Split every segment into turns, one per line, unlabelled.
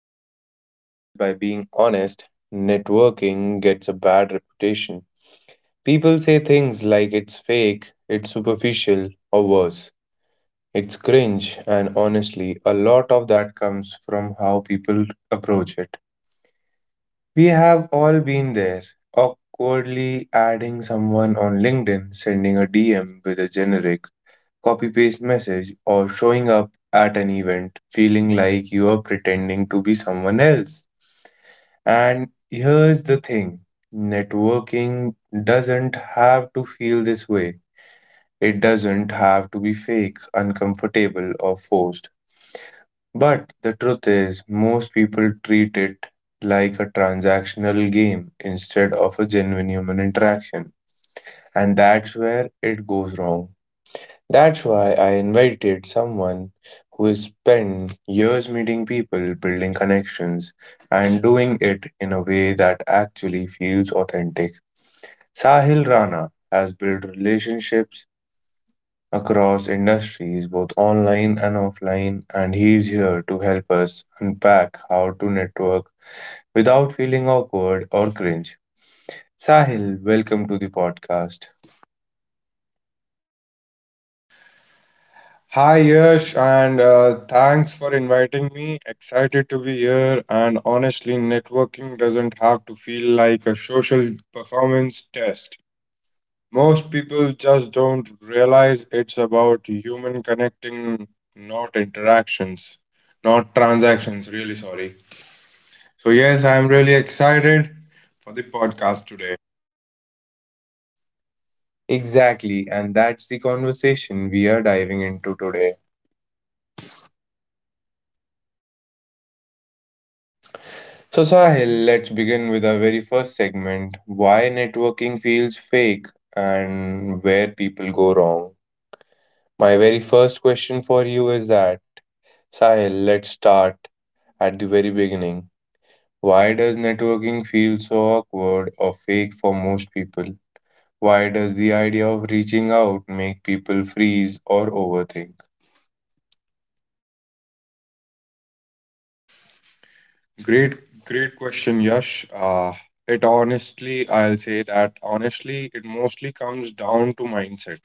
start this podcast by being honest. Networking gets a bad reputation. People say things like it's fake, it's superficial, or worse. It's cringe, and honestly, a lot of that comes from how people approach it. We have all been there. Awkwardly adding someone on LinkedIn, sending a DM with a generic copy paste message, or showing up at an event feeling like you are pretending to be someone else. And here's the thing, networking doesn't have to feel this way, it doesn't have to be fake, uncomfortable, or forced. But the truth is, most people treat it like a transactional game instead of a genuine human interaction. And that's where it goes wrong. That's why I invited someone who has spent years meeting people, building connections, and doing it in a way that actually feels authentic. Sahil Rana has built relationships across industries, both online and offline, and he's here to help us unpack how to network without feeling awkward or cringe. Sahil, welcome to the podcast.
Hi Yash, and thanks for inviting me. Excited to be here. And honestly, networking doesn't have to feel like a social performance test. Most people just don't realize it's about human connecting, not interactions, not transactions. Really sorry. So, yes, I'm really excited for the podcast today.
Exactly, and that's the conversation we are diving into today. So, Sahil, let's begin with our very first segment: why networking feels fake and where people go wrong. My very first question for you is that, Sahil, let's start at the very beginning. Why does networking feel so awkward or fake for most people? Why does the idea of reaching out make people freeze or overthink?
Great, great question, Yash. I'll say that honestly, it mostly comes down to mindset.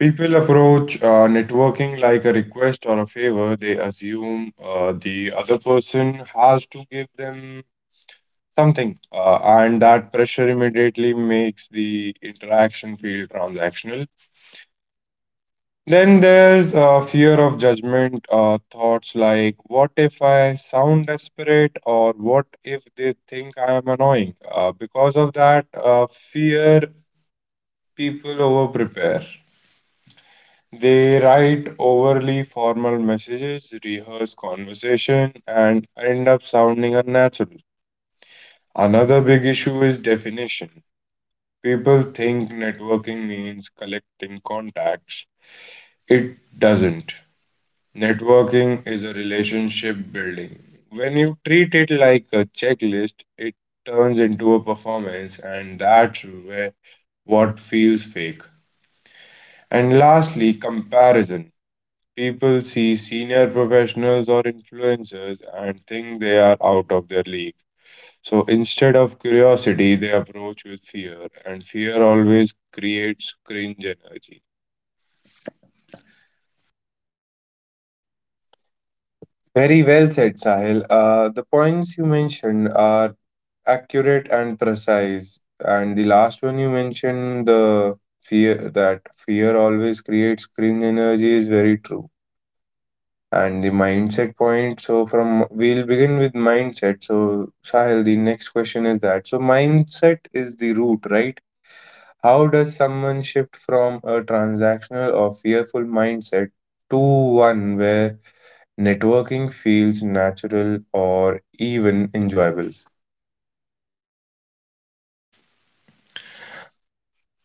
People approach networking like a request or a favor. They assume the other person has to give them something, and that pressure immediately makes the interaction feel transactional. Then there's fear of judgment, thoughts like, what if I sound desperate, or what if they think I am annoying? Because of that fear, people overprepare. They write overly formal messages, rehearse conversation, and end up sounding unnatural. Another big issue is definition. People think networking means collecting contacts. It doesn't. Networking is a relationship building. When you treat it like a checklist, it turns into a performance, and that's where what feels fake. And lastly, comparison. People see senior professionals or influencers and think they are out of their league. So instead of curiosity, they approach with fear, and fear always creates cringe energy.
Very well said, Sahil. The points you mentioned are accurate and precise. And the last one you mentioned, the fear, that fear always creates cringe energy, is very true. And the mindset point. So from, we'll begin with mindset. So Sahil, the next question is that. So mindset is the root, right? How does someone shift from a transactional or fearful mindset to one where networking feels natural or even enjoyable.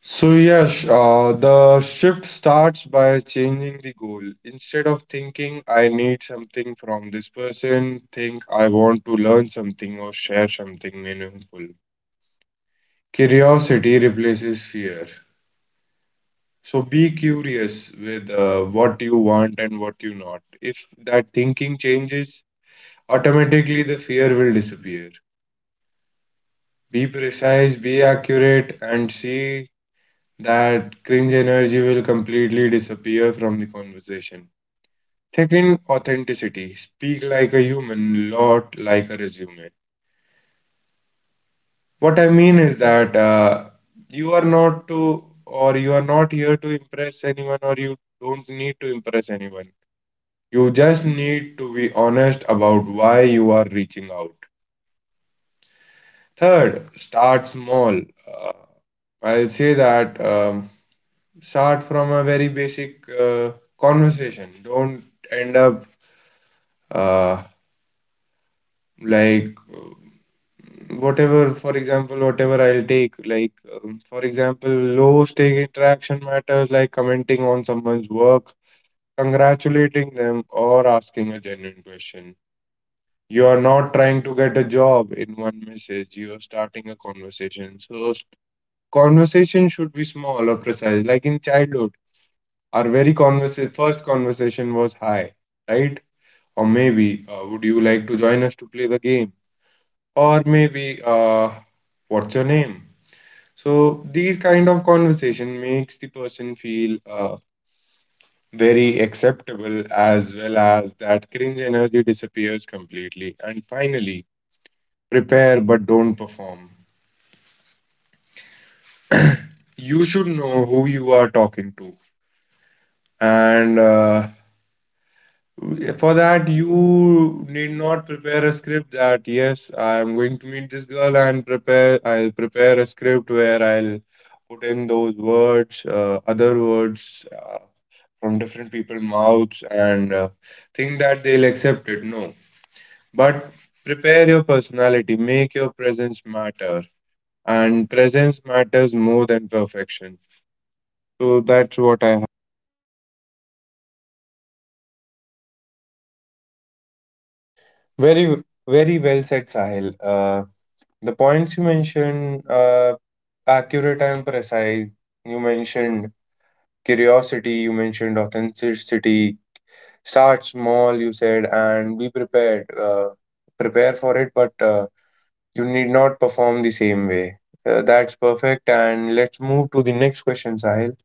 So, yes, the shift starts by changing the goal. Instead of thinking I need something from this person, think I want to learn something or share something meaningful. Curiosity replaces fear. So, be curious with what you want and what you not. If that thinking changes, automatically the fear will disappear. Be precise, be accurate, and see that cringe energy will completely disappear from the conversation. Second, authenticity. Speak like a human, not like a resume. What I mean is that you are not to, or you are not here to impress anyone, or you don't need to impress anyone. You just need to be honest about why you are reaching out. Third, start small. Uh, I'll say that start from a very basic conversation. Don't end up uh, like uh, for example, whatever I'll take, like, for example, low stake interaction matters like commenting on someone's work, congratulating them, or asking a genuine question. You are not trying to get a job in one message, you are starting a conversation. Conversation should be small or precise, like in childhood. Our first conversation was hi, right? Or maybe, would you like to join us to play the game? Or maybe, what's your name? So these kind of conversation makes the person feel very acceptable as well as that cringe energy disappears completely. And finally, prepare but don't perform. You should know who you are talking to and for that, you need not prepare a script that, yes, I'm going to meet this girl and prepare, I'll prepare a script where I'll put in those words, other words from different people's mouths and think that they'll accept it. No. But prepare your personality, make your presence matter. And presence matters more than perfection. So that's what I.
Very, very well said, Sahil. The points you mentioned, accurate and precise. You mentioned curiosity, you mentioned authenticity. Start small, you said, and be prepared. Prepare for it, but you need not perform the same way. That's perfect. And let's move to the next question, Sahil.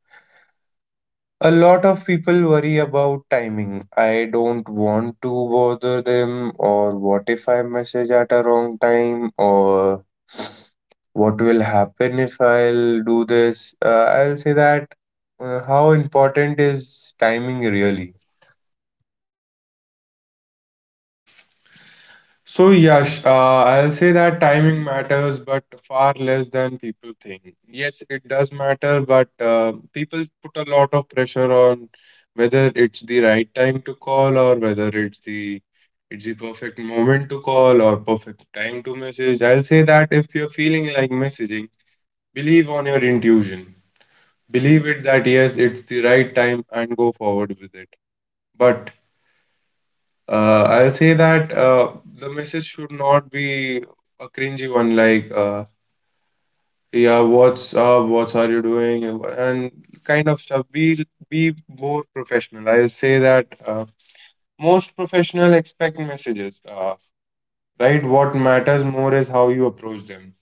A lot of people worry about timing. I don't want to bother them, or what if I message at a wrong time, or what will happen if I'll do this. I'll say that how important is timing really?
So, yes, I'll say that timing matters, but far less than people think. Yes, it does matter, but people put a lot of pressure on whether it's the right time to call or whether it's the perfect moment to call or perfect time to message. I'll say that if you're feeling like messaging, believe on your intuition. Believe it that yes, it's the right time and go forward with it. But I'll say that the message should not be a cringy one like yeah, what's up, what are you doing, and kind of stuff. Be more professional. I'll say that most professional expect messages, right? What matters more is how you approach them,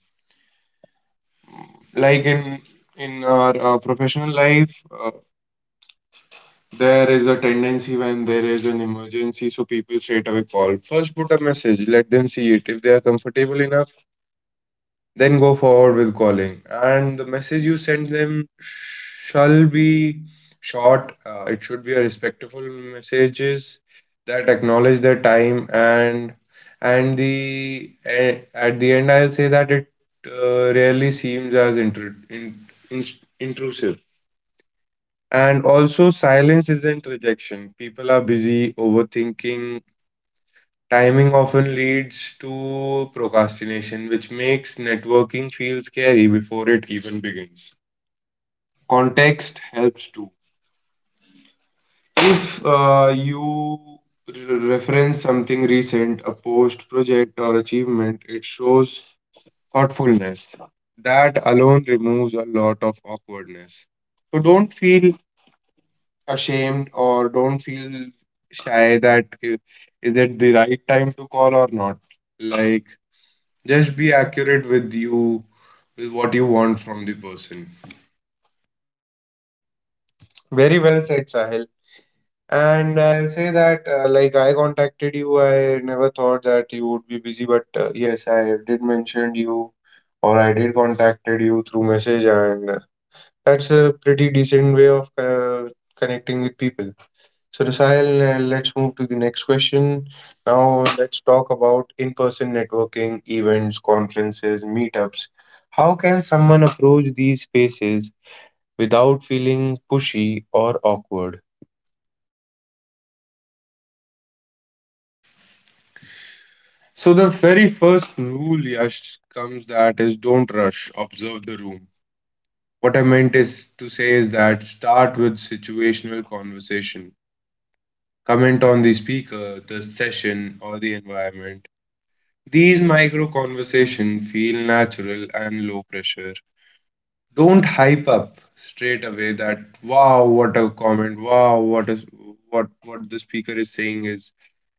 like in our professional life, there is a tendency when there is an emergency, so people straight away call, first put a message, let them see it, if they are comfortable enough, then go forward with calling. And the message you send them shall be short, it should be a respectful messages that acknowledge their time, and at the end I'll say that it rarely seems as intrusive. And also silence isn't rejection, people are busy overthinking. Timing often leads to procrastination, which makes networking feel scary before it even begins. Context helps too. If you reference something recent, a post, project, or achievement, it shows thoughtfulness. That alone removes a lot of awkwardness. So don't feel ashamed or don't feel shy that is it the right time to call or not. Like, just be accurate with you, with what you want from the person.
Very well said, Sahil. And I'll say that, like, I contacted you. I never thought that you would be busy, but yes, I did mention you, or I did contacted you through message, and that's a pretty decent way of connecting with people. So, Rasail, let's move to the next question. Now, let's talk about in person networking, events, conferences, meetups. How can someone approach these spaces without feeling pushy or awkward?
So the very first rule, Yash, comes that is don't rush, observe the room. What I meant is to say is that start with situational conversation. Comment on the speaker, the session, or the environment. These micro conversations feel natural and low pressure. Don't hype up straight away that wow, what a comment, wow, what the speaker is saying is.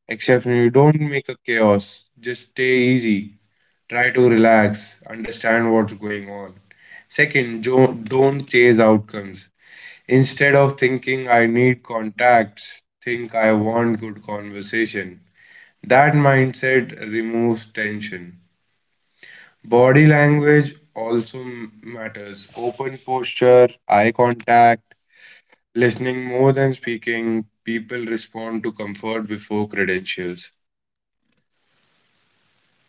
Except you don't make a chaos, just stay easy, try to relax, understand what's going on. Second, don't chase outcomes. Instead of thinking I need contacts, think I want good conversation. That mindset removes tension. Body language also matters. Open posture, eye contact, listening more than speaking. People respond to comfort before credentials.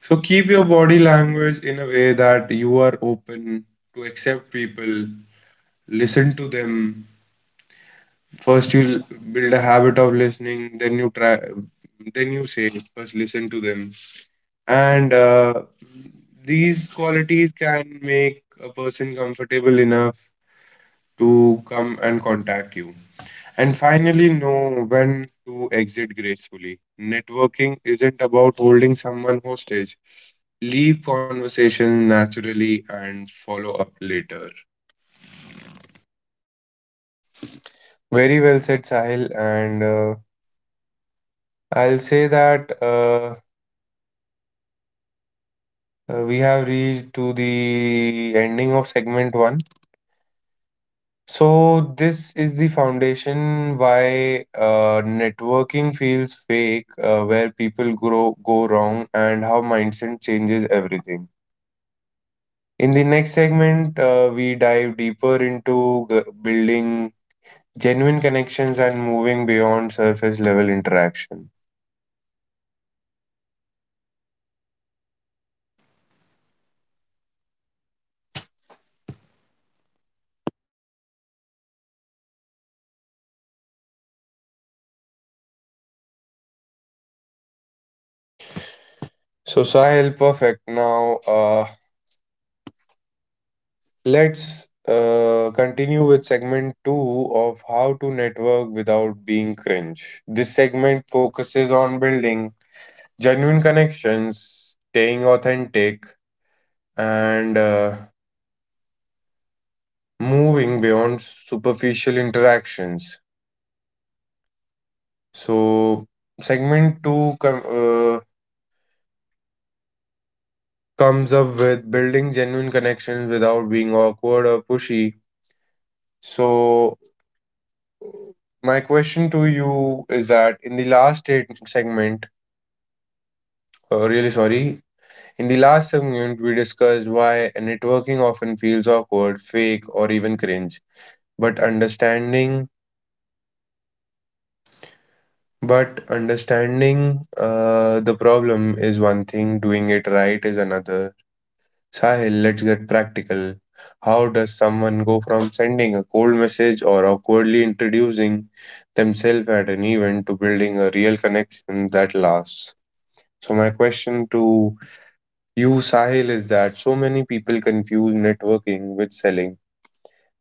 So keep your body language in a way that you are open to accept people, listen to them. First you build a habit of listening, then you say first listen to them. And these qualities can make a person comfortable enough to come and contact you. And finally, know when to exit gracefully. Networking isn't about holding someone hostage. Leave conversation naturally and follow up later.
Very well said, Sahil. And I'll say that we have reached to the ending of segment one. So this is the foundation why networking feels fake, where people grow go wrong, and how mindset changes everything. In the next segment, we dive deeper into building genuine connections and moving beyond surface level interaction. So Sahil, perfect. Now, let's continue with segment two of how to network without being cringe. This segment focuses on building genuine connections, staying authentic, and moving beyond superficial interactions. So, segment two comes up with building genuine connections without being awkward or pushy. So, my question to you is that, in the last segment, really sorry, in the last segment, we discussed why networking often feels awkward, fake, or even cringe. But understanding But understanding the problem is one thing, doing it right is another. Sahil, let's get practical. How does someone go from sending a cold message or awkwardly introducing themselves at an event to building a real connection that lasts? So, my question to you, Sahil, is that so many people confuse networking with selling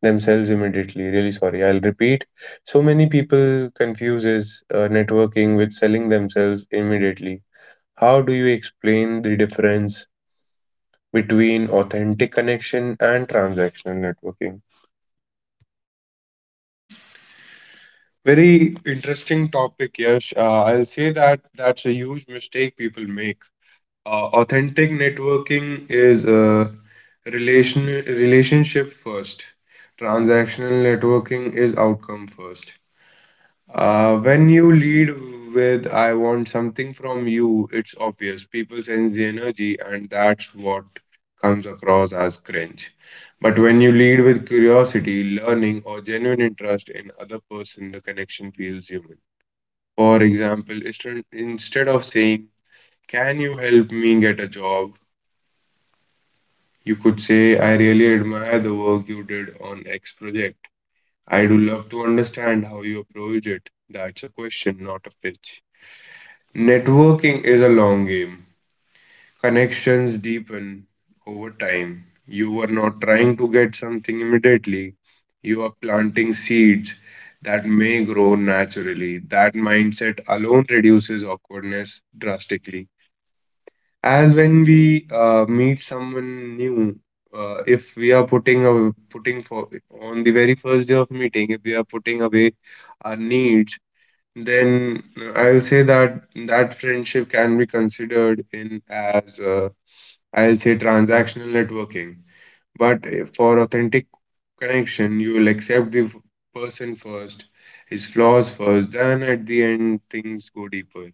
themselves immediately. Really sorry. I'll repeat. So many people confuses networking with selling themselves immediately. How do you explain the difference between authentic connection and transactional networking?
Very interesting topic, Yash. I'll say that that's a huge mistake people make. Authentic networking is relationship first. Transactional networking is outcome first. When you lead with, I want something from you, it's obvious. People sense the energy, and that's what comes across as cringe. But when you lead with curiosity, learning, or genuine interest in other person, the connection feels human. For example, instead of saying, can you help me get a job? You could say, I really admire the work you did on X project. I do love to understand how you approach it. That's a question, not a pitch. Networking is a long game. Connections deepen over time. You are not trying to get something immediately. You are planting seeds that may grow naturally. That mindset alone reduces awkwardness drastically. As when we meet someone new, if we are putting for on the very first day of meeting, if we are putting away our needs, then I will say that that friendship can be considered in as I'll say transactional networking. But for authentic connection, you will accept the person first, his flaws first, then at the end things go deeper.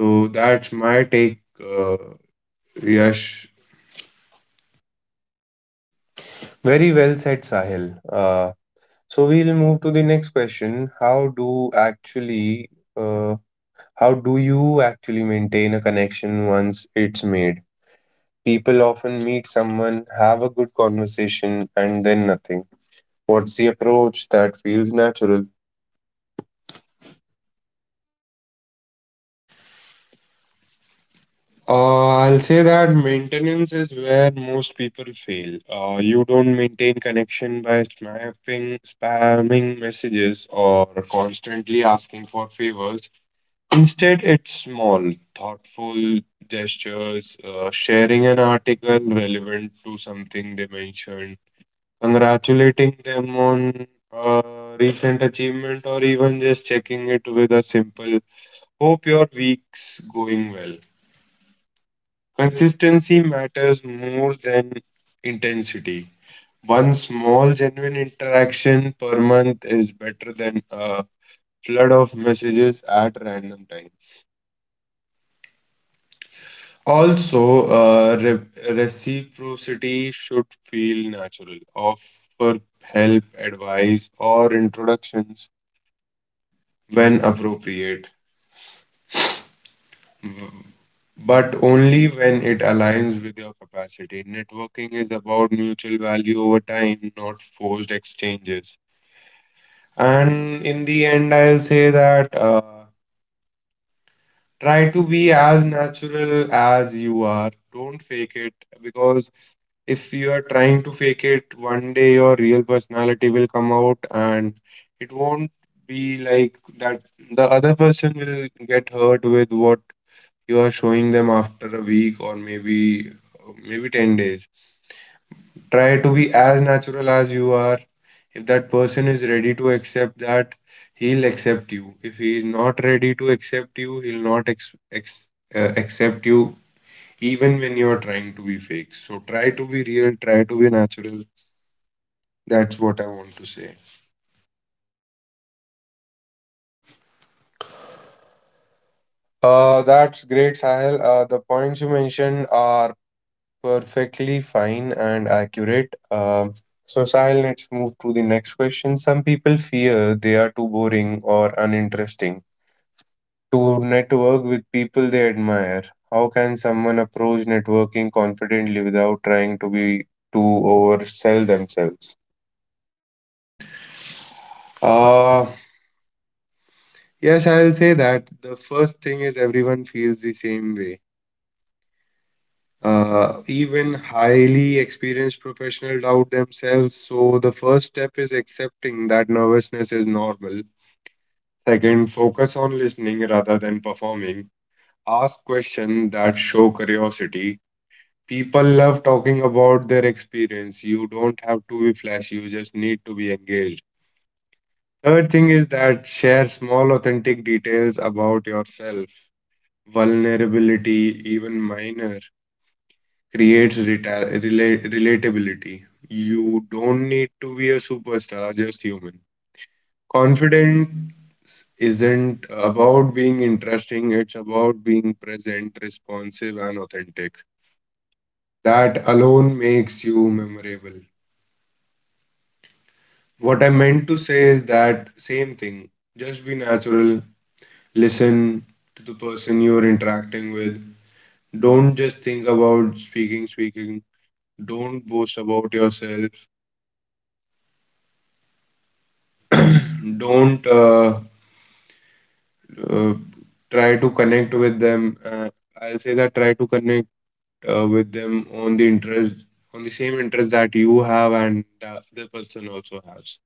So that's my take, Yash.
Very well said, Sahil. So we'll move to the next question. Uh, how do you actually maintain a connection once it's made? People often meet someone, have a good conversation, and then nothing. What's the approach that feels natural?
I'll say that maintenance is where most people fail. You don't maintain connection by snapping, spamming messages, or constantly asking for favors. Instead, it's small, thoughtful gestures, sharing an article relevant to something they mentioned, congratulating them on a recent achievement, or even just checking it with a simple, hope your week's going well. Consistency matters more than intensity. One small, genuine interaction per month is better than a flood of messages at random times. Also, reciprocity should feel natural. Offer help, advice, or introductions when appropriate, w- but only when it aligns with your capacity. Networking is about mutual value over time, not forced exchanges. And in the end, I'll say that try to be as natural as you are. Don't fake it, because if you are trying to fake it, one day your real personality will come out and it won't be like that. The other person will get hurt with what you are showing them after a week or maybe 10 days. Try to be as natural as you are. If that person is ready to accept that, he'll accept you. If he is not ready to accept you, he'll not ex ex accept you even when you're trying to be fake. So try to be real, try to be natural. That's what I want to say.
That's great, Sahil. The points you mentioned are perfectly fine and accurate. So, Sahil, let's move to the next question. Some people fear they are too boring or uninteresting to network with people they admire. How can someone approach networking confidently without trying to be to oversell themselves?
Uh, yes, I'll say that. The first thing is everyone feels the same way. Even highly experienced professionals doubt themselves. So the first step is accepting that nervousness is normal. Second, focus on listening rather than performing. Ask questions that show curiosity. People love talking about their experience. You don't have to be flashy, you just need to be engaged. Third thing is that share small, authentic details about yourself. Vulnerability, even minor, creates relatability. You don't need to be a superstar, just human. Confidence isn't about being interesting, it's about being present, responsive, and authentic. That alone makes you memorable. What I meant to say is that same thing. Just be natural, listen to the person you're interacting with. Don't just think about speaking. Don't boast about yourself. Don't uh, Try to connect with them. I'll say that try to connect with them on the interest on the same interest that you have and the other person also has.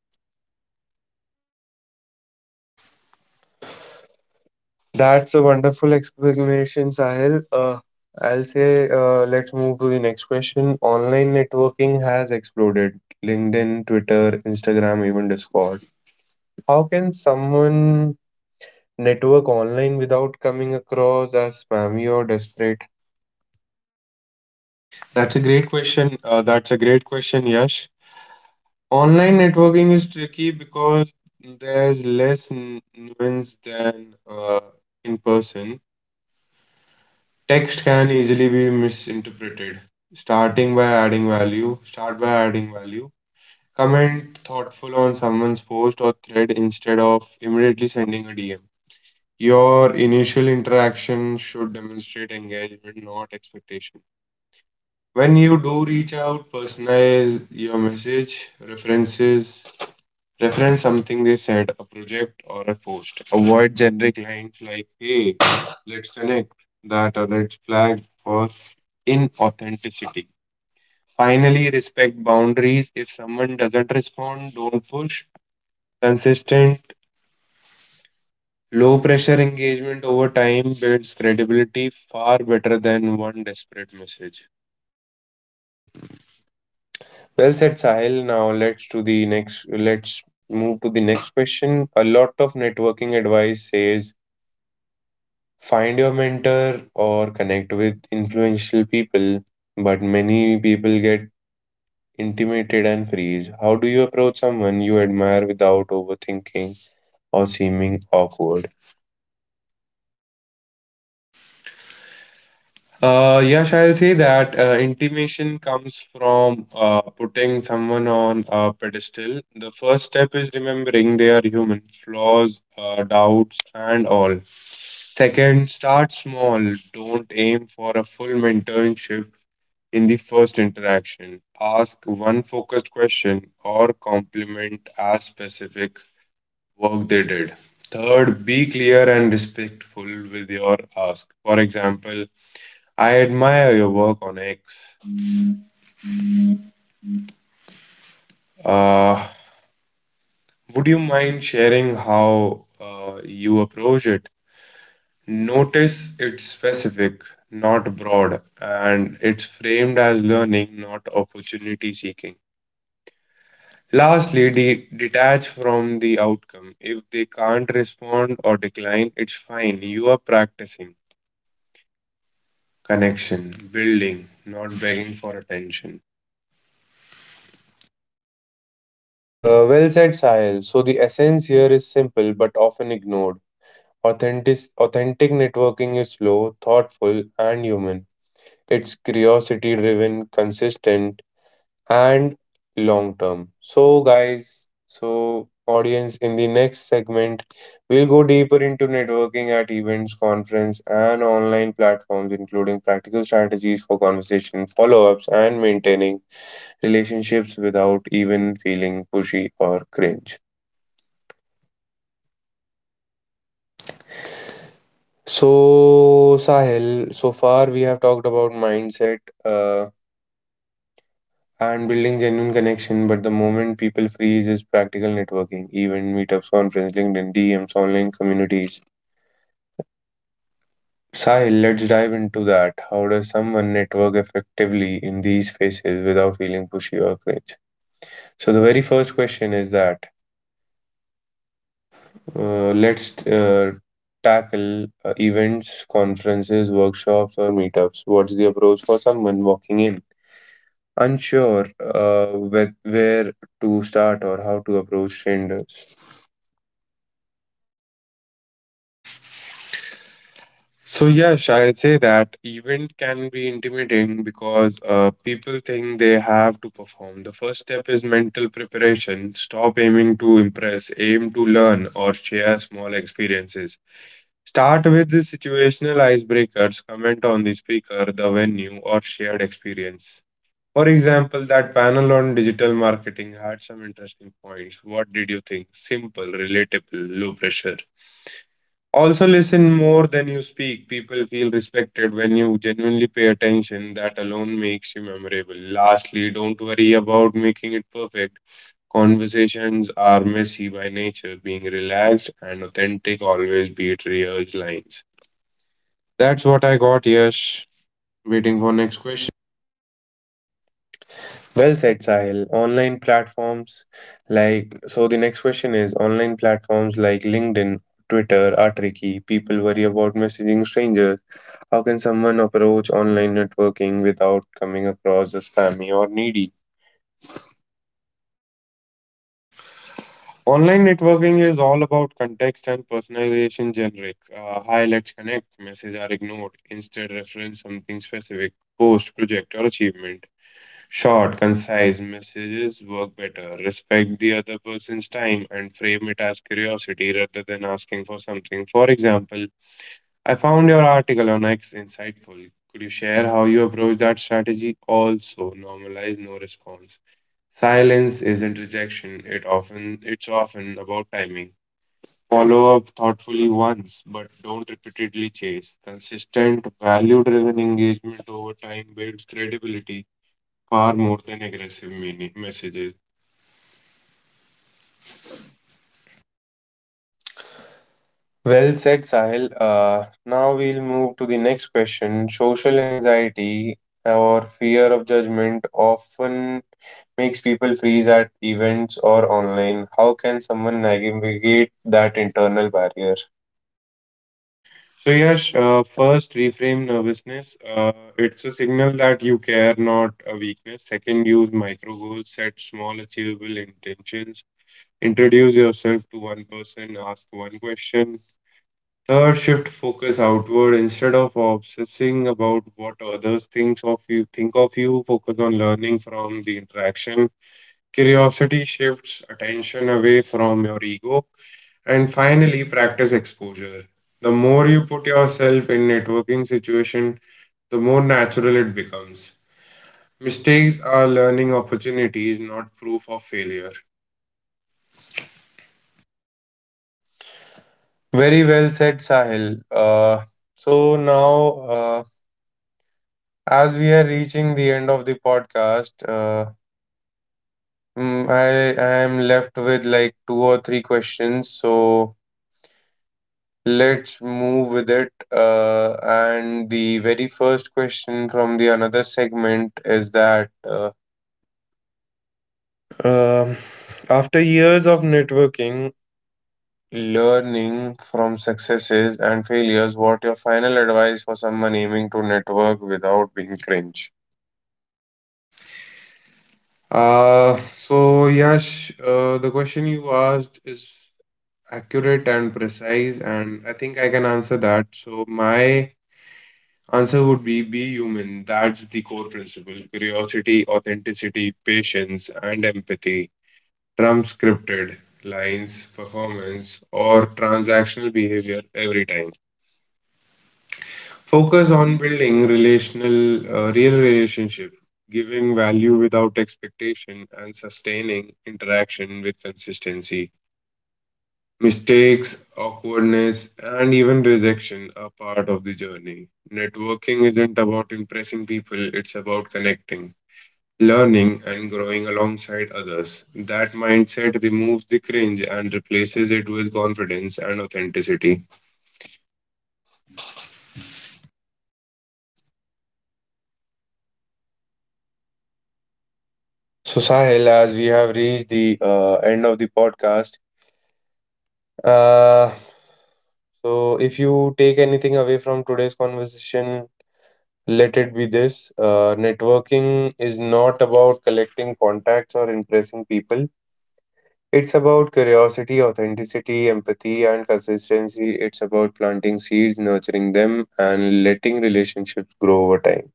That's a wonderful explanation, Sahil. I'll say, let's move to the next question. Online networking has exploded. LinkedIn, Twitter, Instagram, even Discord. How can someone network online without coming across as spammy or desperate?
That's a great question, Yash. Online networking is tricky because there's less nuance than, in person. Text can easily be misinterpreted. Start by adding value. Comment thoughtful on someone's post or thread instead of immediately sending a DM. Your initial interaction should demonstrate engagement, not expectation. When you do reach out, personalize your message, reference something they said, a project or a post. Avoid generic lines like, hey, let's connect, that or let's flag for inauthenticity. Finally, respect boundaries. If someone doesn't respond, don't push. Consistent low pressure engagement over time builds credibility far better than one desperate message.
Well said, Sahil. Now let's to the next. Let's move to the next question. A lot of networking advice says find your mentor or connect with influential people, but many people get intimated and freeze. How do you approach someone you admire without overthinking or seeming awkward?
Yash, I'll say that intimation comes from, putting someone on a pedestal. The first step is remembering they are human, flaws, doubts, and all. Second, start small. Don't aim for a full mentorship in the first interaction. Ask one focused question or compliment as specific work they did. Third, be clear and respectful with your ask. For example, I admire your work on X. Uh, would you mind sharing how, you approach it? Notice it's specific, not broad, and it's framed as learning, not opportunity seeking. Lastly, detach from the outcome. If they can't respond or decline, it's fine. You are practicing connection, building, not begging for attention.
Well said, Sahil. So the essence here is simple but often ignored. Authentic networking is slow, thoughtful, and human. It's curiosity driven, consistent, and long term. So, guys, so audience, in the next segment, we'll go deeper into networking at events, conference, and online platforms, including practical strategies for conversation, follow ups, and maintaining relationships without even feeling pushy or cringe. So, Sahil, so far we have talked about mindset, uh, and building genuine connection. But the moment people freeze is practical networking, event meetups, conference, LinkedIn, DMs, online communities. Sahil, let's dive into that. How does someone network effectively in these spaces without feeling pushy or cringe? So the very first question is that let's tackle events, conferences, workshops, or meetups. What's the approach for someone walking in? Unsure with where to start or how to approach strangers.
So, yes, I'll say that event can be intimidating because, people think they have to perform. The first step is mental preparation. Stop aiming to impress, aim to learn or share small experiences. Start with the situational icebreakers, comment on the speaker, the venue, or shared experience. For example, that panel on digital marketing had some interesting points. What did you think? Simple, relatable, low pressure. Also, listen more than you speak. People feel respected when you genuinely pay attention. That alone makes you memorable. Lastly, don't worry about making it perfect. Conversations are messy by nature. Being relaxed and authentic always beat rehearsed lines. That's what I got, Yash. Waiting for next question.
Well said, Sahil. So the next question is, online platforms like LinkedIn, Twitter are tricky. People worry about messaging strangers. How can someone approach online networking without coming across as spammy or needy?
Online networking is all about context and personalization generic. Hi, let's connect. Messages are ignored. Instead, reference something specific, post, project, or achievement. Short, concise messages work better. Respect the other person's time and frame it as curiosity rather than asking for something. For example, I found your article on X insightful. Could you share how you approach that strategy? Also, normalize no response. Silence isn't rejection. It's often about timing. Follow up thoughtfully once, but don't repeatedly chase. Consistent, value-driven engagement over time builds credibility far more than aggressive meaning messages.
Well said, Sahil. Now we'll move to the next question. Social anxiety or fear of judgment often makes people freeze at events or online. How can someone navigate that internal barrier?
So yes, first reframe nervousness. It's a signal that you care, not a weakness. Second, use micro goals, set small achievable intentions. Introduce yourself to one person, ask one question. Third, shift focus outward instead of obsessing about what others thinks of you. Think of you. Focus on learning from the interaction. Curiosity shifts attention away from your ego. And finally, practice exposure. The more you put yourself in networking situation, the more natural it becomes. Mistakes are learning opportunities, not proof of failure.
Very well said, Sahil. So now, uh, as we are reaching the end of the podcast, I am left with like two or three questions. So let's move with it. And the very first question from the another segment is that um, after years of networking, learning from successes and failures, what your final advice for someone aiming to network without being cringe?
So Yash, the question you asked is accurate and precise, and I think I can answer that. So my answer would be human. That's the core principle. Curiosity, authenticity, patience, and empathy. Transcripted lines, performance, or transactional behavior every time. Focus on building relational, real relationship, giving value without expectation, and sustaining interaction with consistency. Mistakes, awkwardness, and even rejection are part of the journey. Networking isn't about impressing people, it's about connecting, learning and growing alongside others. That mindset removes the cringe and replaces it with confidence and authenticity.
So Sahil, as we have reached the end of the podcast, uh, so if you take anything away from today's conversation, let it be this: networking is not about collecting contacts or impressing people. It's about curiosity, authenticity, empathy, and consistency. It's about planting seeds, nurturing them, and letting relationships grow over time.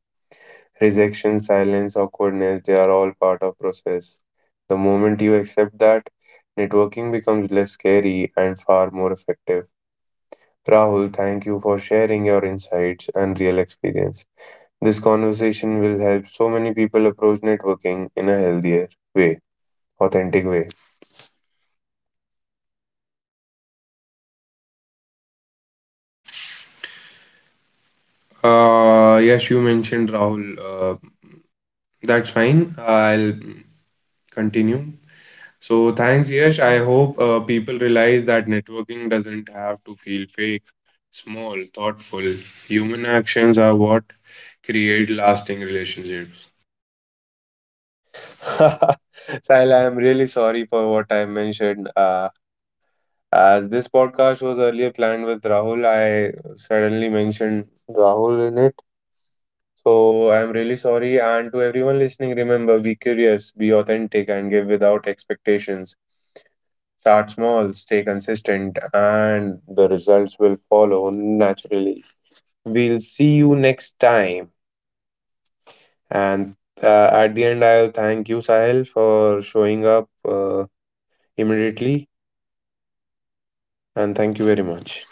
Rejection, silence, awkwardness, they are all part of process. The moment you accept that, networking becomes less scary and far more effective. Rahul, thank you for sharing your insights and real experience. This conversation will help so many people approach networking in a healthier way, authentic way.
Yes, you mentioned Rahul. That's fine. I'll continue. So thanks, Yash. I hope, people realize that networking doesn't have to feel fake. Small, thoughtful, human actions are what create lasting relationships.
Sahil, I am really sorry for what I mentioned. As this podcast was earlier planned with Rahul, I suddenly mentioned Rahul in it. So I am really sorry. And to everyone listening, remember, be curious, be authentic, and give without expectations. Start small, stay consistent, and the results will follow naturally. We'll see you next time. And at the end, I'll thank you, Sahil, for showing up immediately. And thank you very much.